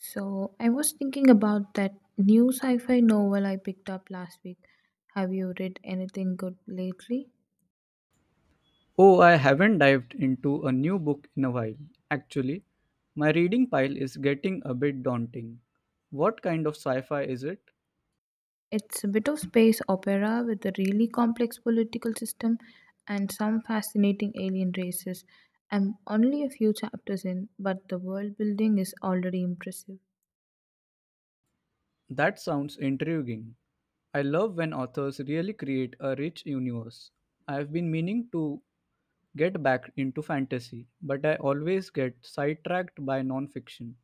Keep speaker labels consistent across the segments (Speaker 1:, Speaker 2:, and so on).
Speaker 1: So, I was thinking about that new sci fi novel I picked up last week. Have you read anything good lately?
Speaker 2: Oh, I haven't dived into a new book in a while. Actually, my reading pile is getting a bit daunting. What kind of sci fi is it?
Speaker 1: It's a bit of space opera with a really complex political system and some fascinating alien races. I'm only a few chapters in, but the world building is already impressive.
Speaker 2: That sounds intriguing. I love when authors really create a rich universe. I've been meaning to get back into fantasy, but I always get sidetracked by non fiction.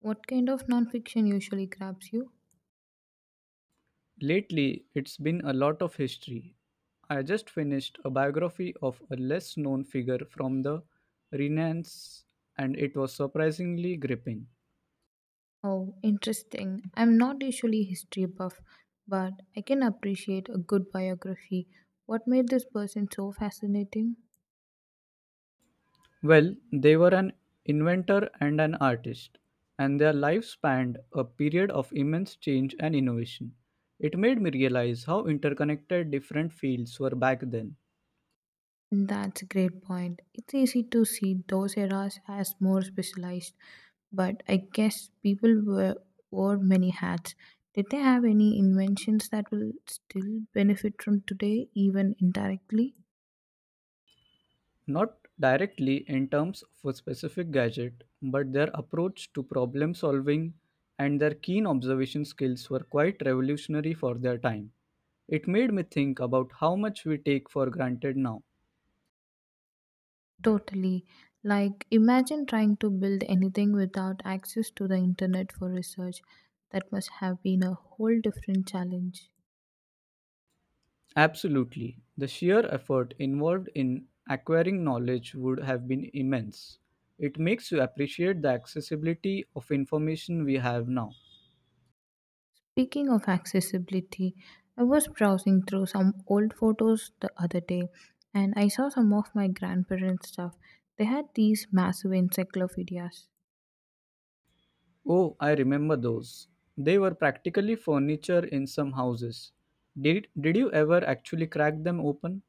Speaker 1: What kind of nonfiction usually grabs you?
Speaker 2: Lately, it's been a lot of history. I just finished a biography of a less known figure from the Renaissance, and it was surprisingly gripping.
Speaker 1: Oh, interesting. I'm not usually history buff, but I can appreciate a good biography. What made this person so fascinating?
Speaker 2: Well, they were an inventor and an artist, and their lives spanned a period of immense change and innovation. It made me realize how interconnected different fields were back then.
Speaker 1: That's a great point. It's easy to see those eras as more specialized, but I guess people were, wore many hats. Did they have any inventions that will still benefit from today, even indirectly?
Speaker 2: Not directly in terms of a specific gadget, but their approach to problem solving and their keen observation skills were quite revolutionary for their time. It made me think about how much we take for granted now.
Speaker 1: Totally. Like, imagine trying to build anything without access to the internet for research. That must have been a whole different challenge.
Speaker 2: Absolutely. The sheer effort involved in acquiring knowledge would have been immense. It makes you appreciate the accessibility of information we have now.
Speaker 1: Speaking of accessibility, I was browsing through some old photos the other day and I saw some of my grandparents' stuff. They had these massive encyclopedias.
Speaker 2: Oh, I remember those. They were practically furniture in some houses. Did you ever actually crack them open?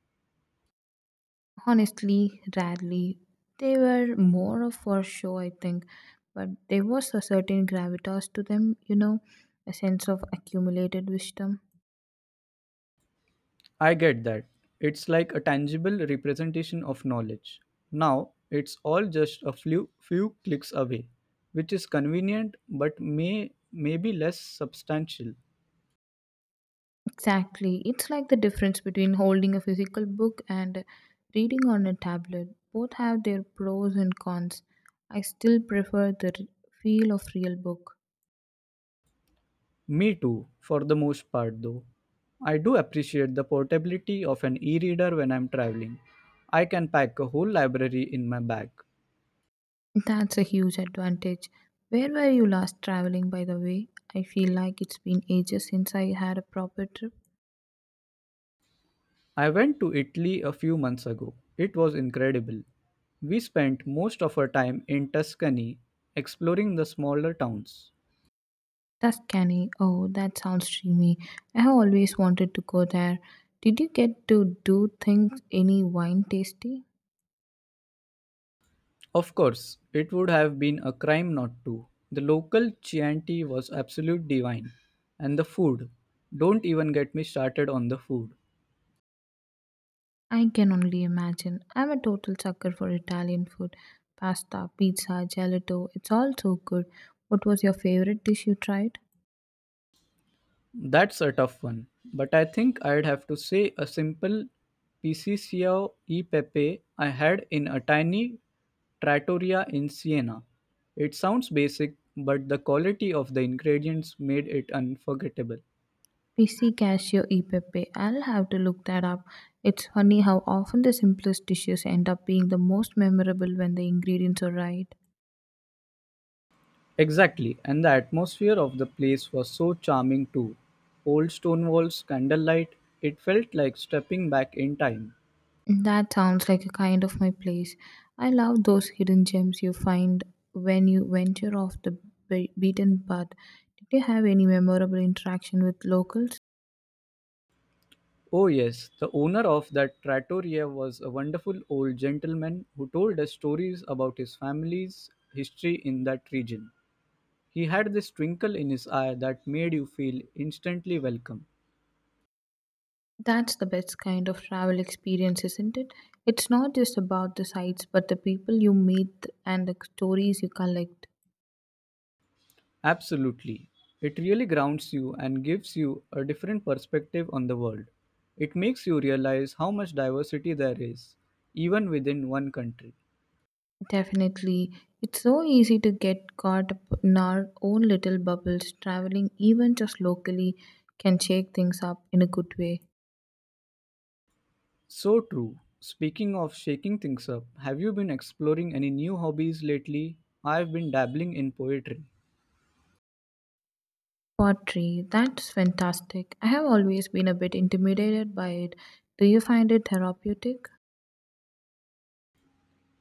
Speaker 1: Honestly, rarely. They were more of for show, I think, but there was a certain gravitas to them, a sense of accumulated wisdom.
Speaker 2: I get that. It's like a tangible representation of knowledge. Now, it's all just a few clicks away, which is convenient but maybe less substantial.
Speaker 1: Exactly. It's like the difference between holding a physical book and reading on a tablet. Both have their pros and cons. I still prefer the feel of real book.
Speaker 2: Me too, for the most part though. I do appreciate the portability of an e-reader when I'm traveling. I can pack a whole library in my bag.
Speaker 1: That's a huge advantage. Where were you last traveling by the way? I feel like it's been ages since I had a proper trip.
Speaker 2: I went to Italy a few months ago. It was incredible. We spent most of our time in Tuscany exploring the smaller towns.
Speaker 1: Tuscany. Oh, that sounds dreamy. I have always wanted to go there. Did you get to do things any wine tasty?
Speaker 2: Of course, it would have been a crime not to. The local Chianti was absolute divine. And the food. Don't even get me started on the food.
Speaker 1: I can only imagine. I'm a total sucker for Italian food. Pasta, pizza, gelato, it's all so good. What was your favorite dish you tried?
Speaker 2: That's a tough one, but I think I'd have to say a simple Piccioso e Pepe I had in a tiny trattoria in Siena. It sounds basic, but the quality of the ingredients made it unforgettable.
Speaker 1: PC cashew e pepe. I'll have to look that up. It's funny how often the simplest dishes end up being the most memorable when the ingredients are right.
Speaker 2: Exactly, and the atmosphere of the place was so charming too. Old stone walls, candlelight, it felt like stepping back in time.
Speaker 1: That sounds like a kind of my place. I love those hidden gems you find when you venture off the beaten path. Did you have any memorable interaction with locals?
Speaker 2: Oh, yes. The owner of that trattoria was a wonderful old gentleman who told us stories about his family's history in that region. He had this twinkle in his eye that made you feel instantly welcome.
Speaker 1: That's the best kind of travel experience, isn't it? It's not just about the sights, but the people you meet and the stories you collect.
Speaker 2: Absolutely. It really grounds you and gives you a different perspective on the world. It makes you realize how much diversity there is, even within one country.
Speaker 1: Definitely. It's so easy to get caught up in our own little bubbles. Traveling, even just locally, can shake things up in a good way.
Speaker 2: So true. Speaking of shaking things up, have you been exploring any new hobbies lately? I've been dabbling in poetry.
Speaker 1: Pottery, that's fantastic. I have always been a bit intimidated by it. Do you find it therapeutic?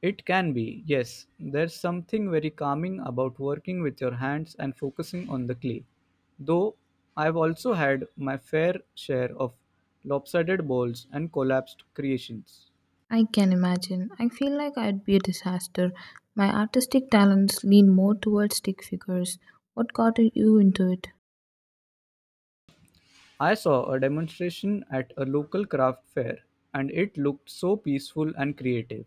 Speaker 2: It can be, yes. There's something very calming about working with your hands and focusing on the clay. Though I've also had my fair share of lopsided balls and collapsed creations.
Speaker 1: I can imagine. I feel like I'd be a disaster. My artistic talents lean more towards stick figures. What got you into it?
Speaker 2: I saw a demonstration at a local craft fair and it looked so peaceful and creative.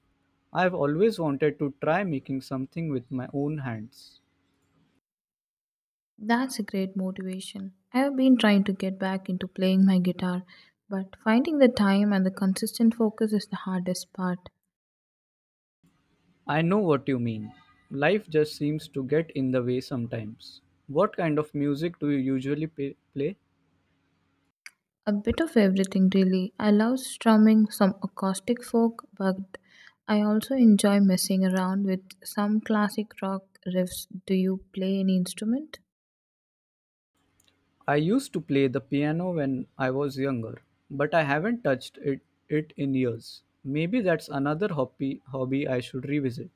Speaker 2: I have always wanted to try making something with my own hands.
Speaker 1: That's a great motivation. I have been trying to get back into playing my guitar, but finding the time and the consistent focus is the hardest part.
Speaker 2: I know what you mean. Life just seems to get in the way sometimes. What kind of music do you usually play?
Speaker 1: A bit of everything, really. I love strumming some acoustic folk, but I also enjoy messing around with some classic rock riffs. Do you play any instrument?
Speaker 2: I used to play the piano when I was younger, but I haven't touched it in years. Maybe that's another hobby I should revisit.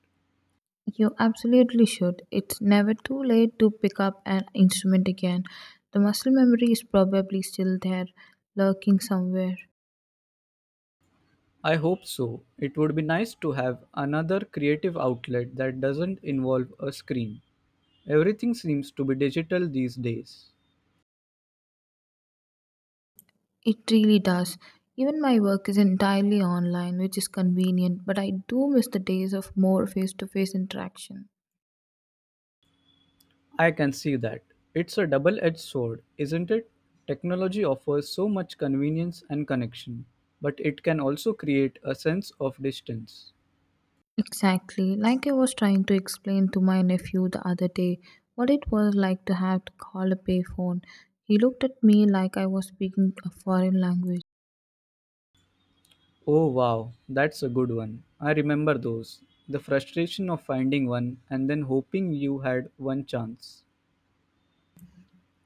Speaker 1: You absolutely should. It's never too late to pick up an instrument again. The muscle memory is probably still there, lurking somewhere.
Speaker 2: I hope so. It would be nice to have another creative outlet that doesn't involve a screen. Everything seems to be digital these days.
Speaker 1: It really does. Even my work is entirely online, which is convenient, but I do miss the days of more face to face interaction.
Speaker 2: I can see that. It's a double edged sword, isn't it? Technology offers so much convenience and connection, but it can also create a sense of distance.
Speaker 1: Exactly. Like I was trying to explain to my nephew the other day what it was like to have to call a payphone. He looked at me like I was speaking a foreign language,
Speaker 2: Oh wow, that's a good one. I remember those. The frustration of finding one and then hoping you had one chance.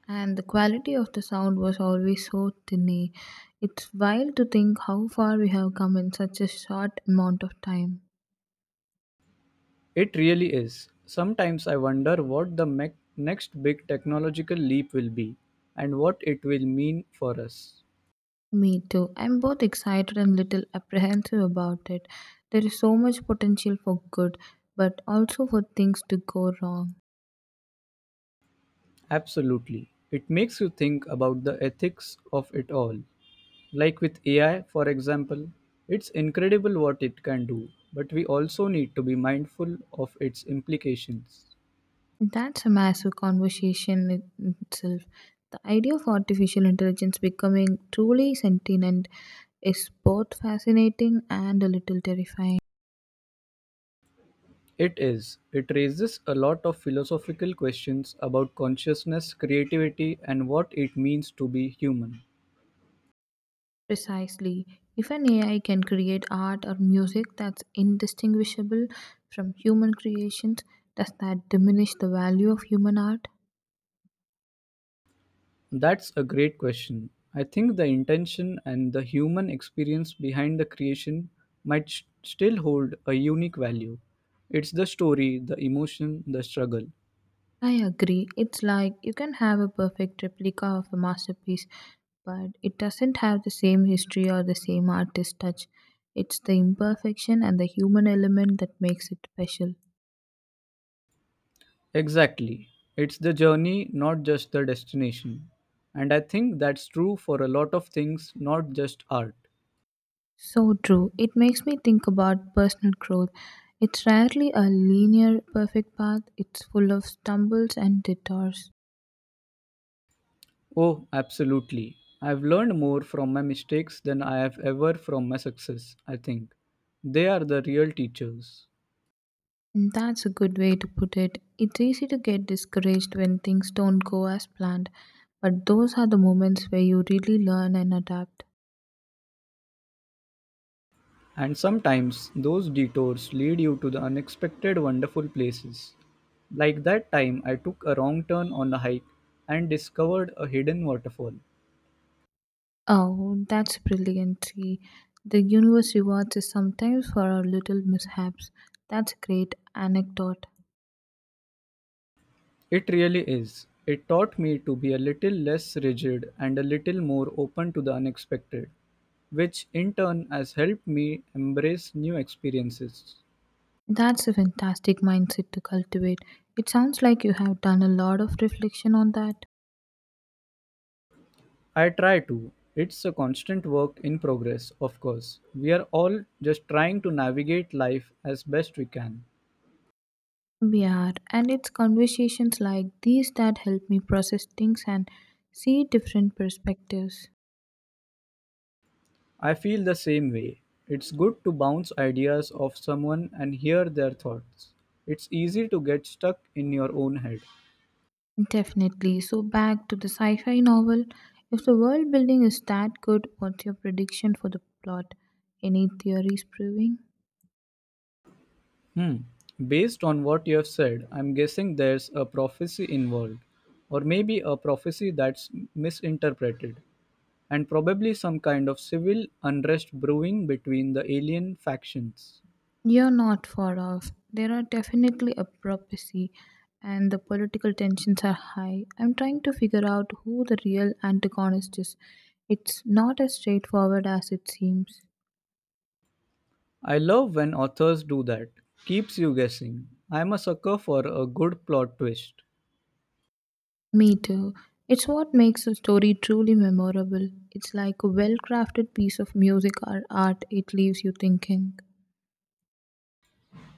Speaker 1: and the quality of the sound was always so tinny. It's wild to think how far we have come in such a short amount of time.
Speaker 2: It really is. Sometimes I wonder what the next big technological leap will be and what it will mean for us.
Speaker 1: Me too. I'm both excited and little apprehensive about it. There is so much potential for good, but also for things to go wrong.
Speaker 2: Absolutely. It makes you think about the ethics of it all. Like with AI, for example, it's incredible what it can do, but we also need to be mindful of its implications.
Speaker 1: That's a massive conversation in itself. The idea of artificial intelligence becoming truly sentient is both fascinating and a little terrifying.
Speaker 2: It is. It raises a lot of philosophical questions about consciousness, creativity, and what it means to be human.
Speaker 1: Precisely. If an AI can create art or music that's indistinguishable from human creations, does that diminish the value of human art?
Speaker 2: That's a great question. I think the intention and the human experience behind the creation might still hold a unique value. It's the story, the emotion, the struggle.
Speaker 1: I agree. It's like you can have a perfect replica of a masterpiece, but it doesn't have the same history or the same artist touch. It's the imperfection and the human element that makes it special.
Speaker 2: Exactly. It's the journey, not just the destination. And I think that's true for a lot of things, not just art.
Speaker 1: So true. It makes me think about personal growth. It's rarely a linear, perfect path, it's full of stumbles and detours.
Speaker 2: Oh, absolutely. I've learned more from my mistakes than I have ever from my success, I think. They are the real teachers.
Speaker 1: And that's a good way to put it. It's easy to get discouraged when things don't go as planned, but those are the moments where you really learn and adapt.
Speaker 2: And sometimes those detours lead you to the unexpected wonderful places. Like that time I took a wrong turn on a hike and discovered a hidden waterfall.
Speaker 1: Oh, that's brilliant. See, the universe rewards us sometimes for our little mishaps. That's a great anecdote.
Speaker 2: It really is. It taught me to be a little less rigid and a little more open to the unexpected, which in turn has helped me embrace new experiences.
Speaker 1: That's a fantastic mindset to cultivate. It sounds like you have done a lot of reflection on that.
Speaker 2: I try to. It's a constant work in progress, of course. We are all just trying to navigate life as best we can.
Speaker 1: We are, and it's conversations like these that help me process things and see different perspectives.
Speaker 2: I feel the same way. It's good to bounce ideas off someone and hear their thoughts. It's easy to get stuck in your own head.
Speaker 1: Definitely. So, back to the sci fi novel. If the world building is that good, what's your prediction for the plot? Any theories proving?
Speaker 2: Hmm. Based on what you have said, I'm guessing there's a prophecy involved, or maybe a prophecy that's misinterpreted, and probably some kind of civil unrest brewing between the alien factions.
Speaker 1: You're not far off. There are definitely obstacles, and the political tensions are high. I'm trying to figure out who the real antagonist is. It's not as straightforward as it seems.
Speaker 2: I love when authors do that, keeps you guessing. I'm a sucker for a good plot twist.
Speaker 1: Me too. It's what makes a story truly memorable. It's like a well crafted piece of music or art, it leaves you thinking.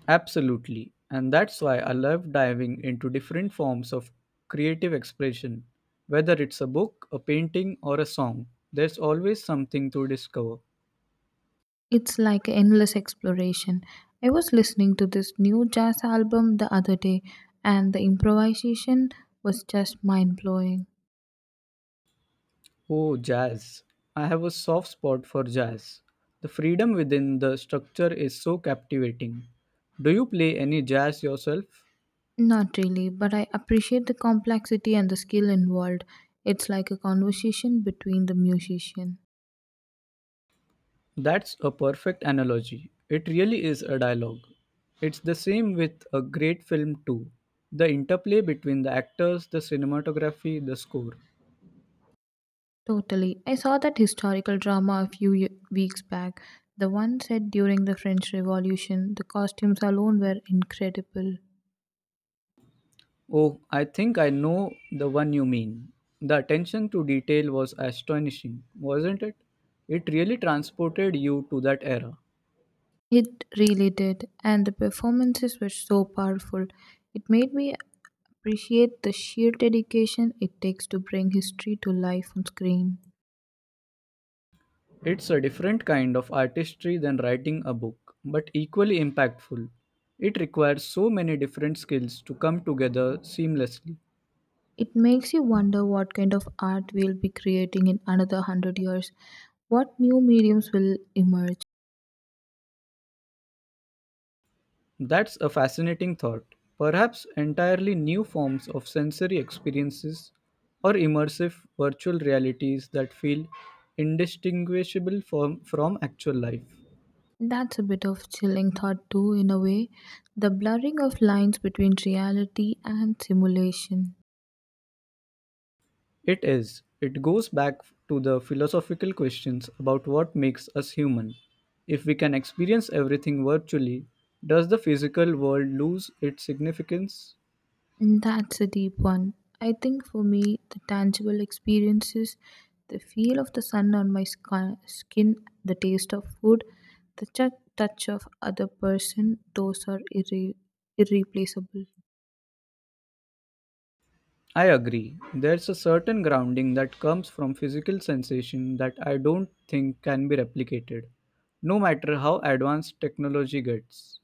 Speaker 2: Absolutely. And that's why I love diving into different forms of creative expression. Whether it's a book, a painting, or a song, there's always something to discover.
Speaker 1: It's like endless exploration. I was listening to this new jazz album the other day, and the improvisation was just mind blowing.
Speaker 2: Oh, jazz. I have a soft spot for jazz. The freedom within the structure is so captivating. Do you play any jazz yourself?
Speaker 1: Not really, but I appreciate the complexity and the skill involved. It's like a conversation between the musician.
Speaker 2: That's a perfect analogy. It really is a dialogue. It's the same with a great film, too. The interplay between the actors, the cinematography, the score.
Speaker 1: Totally. I saw that historical drama a weeks back. The one set during the French Revolution, the costumes alone were incredible.
Speaker 2: Oh, I think I know the one you mean. The attention to detail was astonishing, wasn't it? It really transported you to that era.
Speaker 1: It really did, and the performances were so powerful. It made me appreciate the sheer dedication it takes to bring history to life on screen.
Speaker 2: It's a different kind of artistry than writing a book, but equally impactful. It requires so many different skills to come together seamlessly.
Speaker 1: It makes you wonder what kind of art we'll be creating in another 100 years, what new mediums will emerge.
Speaker 2: That's a fascinating thought. Perhaps entirely new forms of sensory experiences or immersive virtual realities that feel indistinguishable from actual life.
Speaker 1: That's a bit of chilling thought, too, in a way. The blurring of lines between reality and simulation.
Speaker 2: It is. It goes back to the philosophical questions about what makes us human. If we can experience everything virtually, does the physical world lose its significance?
Speaker 1: That's a deep one. I think for me, the tangible experiences, the feel of the sun on my skin, the taste of food, the touch of other person, those are irreplaceable.
Speaker 2: I agree. There's a certain grounding that comes from physical sensation that I don't think can be replicated, no matter how advanced technology gets.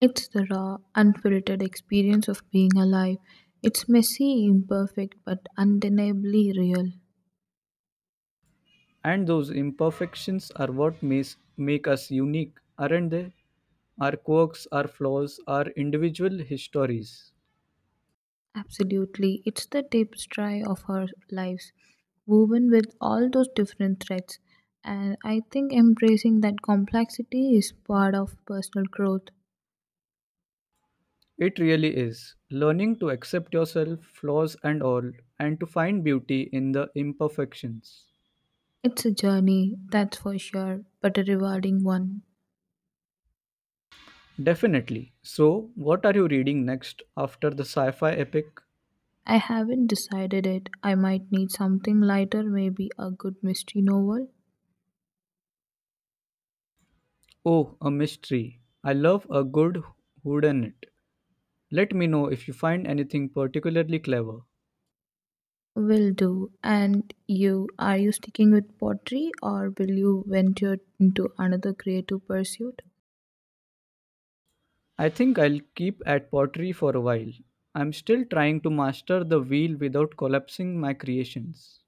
Speaker 1: It's the raw, unfiltered experience of being alive. It's messy, imperfect, but undeniably real.
Speaker 2: And those imperfections are what make us unique, aren't they? Our quirks, our flaws, our individual histories.
Speaker 1: Absolutely. It's the tapestry of our lives, woven with all those different threads. And I think embracing that complexity is part of personal growth.
Speaker 2: It really is. Learning to accept yourself, flaws and all, and to find beauty in the imperfections.
Speaker 1: It's a journey, that's for sure, but a rewarding one.
Speaker 2: Definitely. So, what are you reading next after the sci fi epic?
Speaker 1: I haven't decided it. I might need something lighter, maybe a good mystery novel.
Speaker 2: Oh, a mystery. I love a good whodunit. Let me know if you find anything particularly clever.
Speaker 1: Will do. And you, are you sticking with pottery or will you venture into another creative pursuit?
Speaker 2: I think I'll keep at pottery for a while. I'm still trying to master the wheel without collapsing my creations.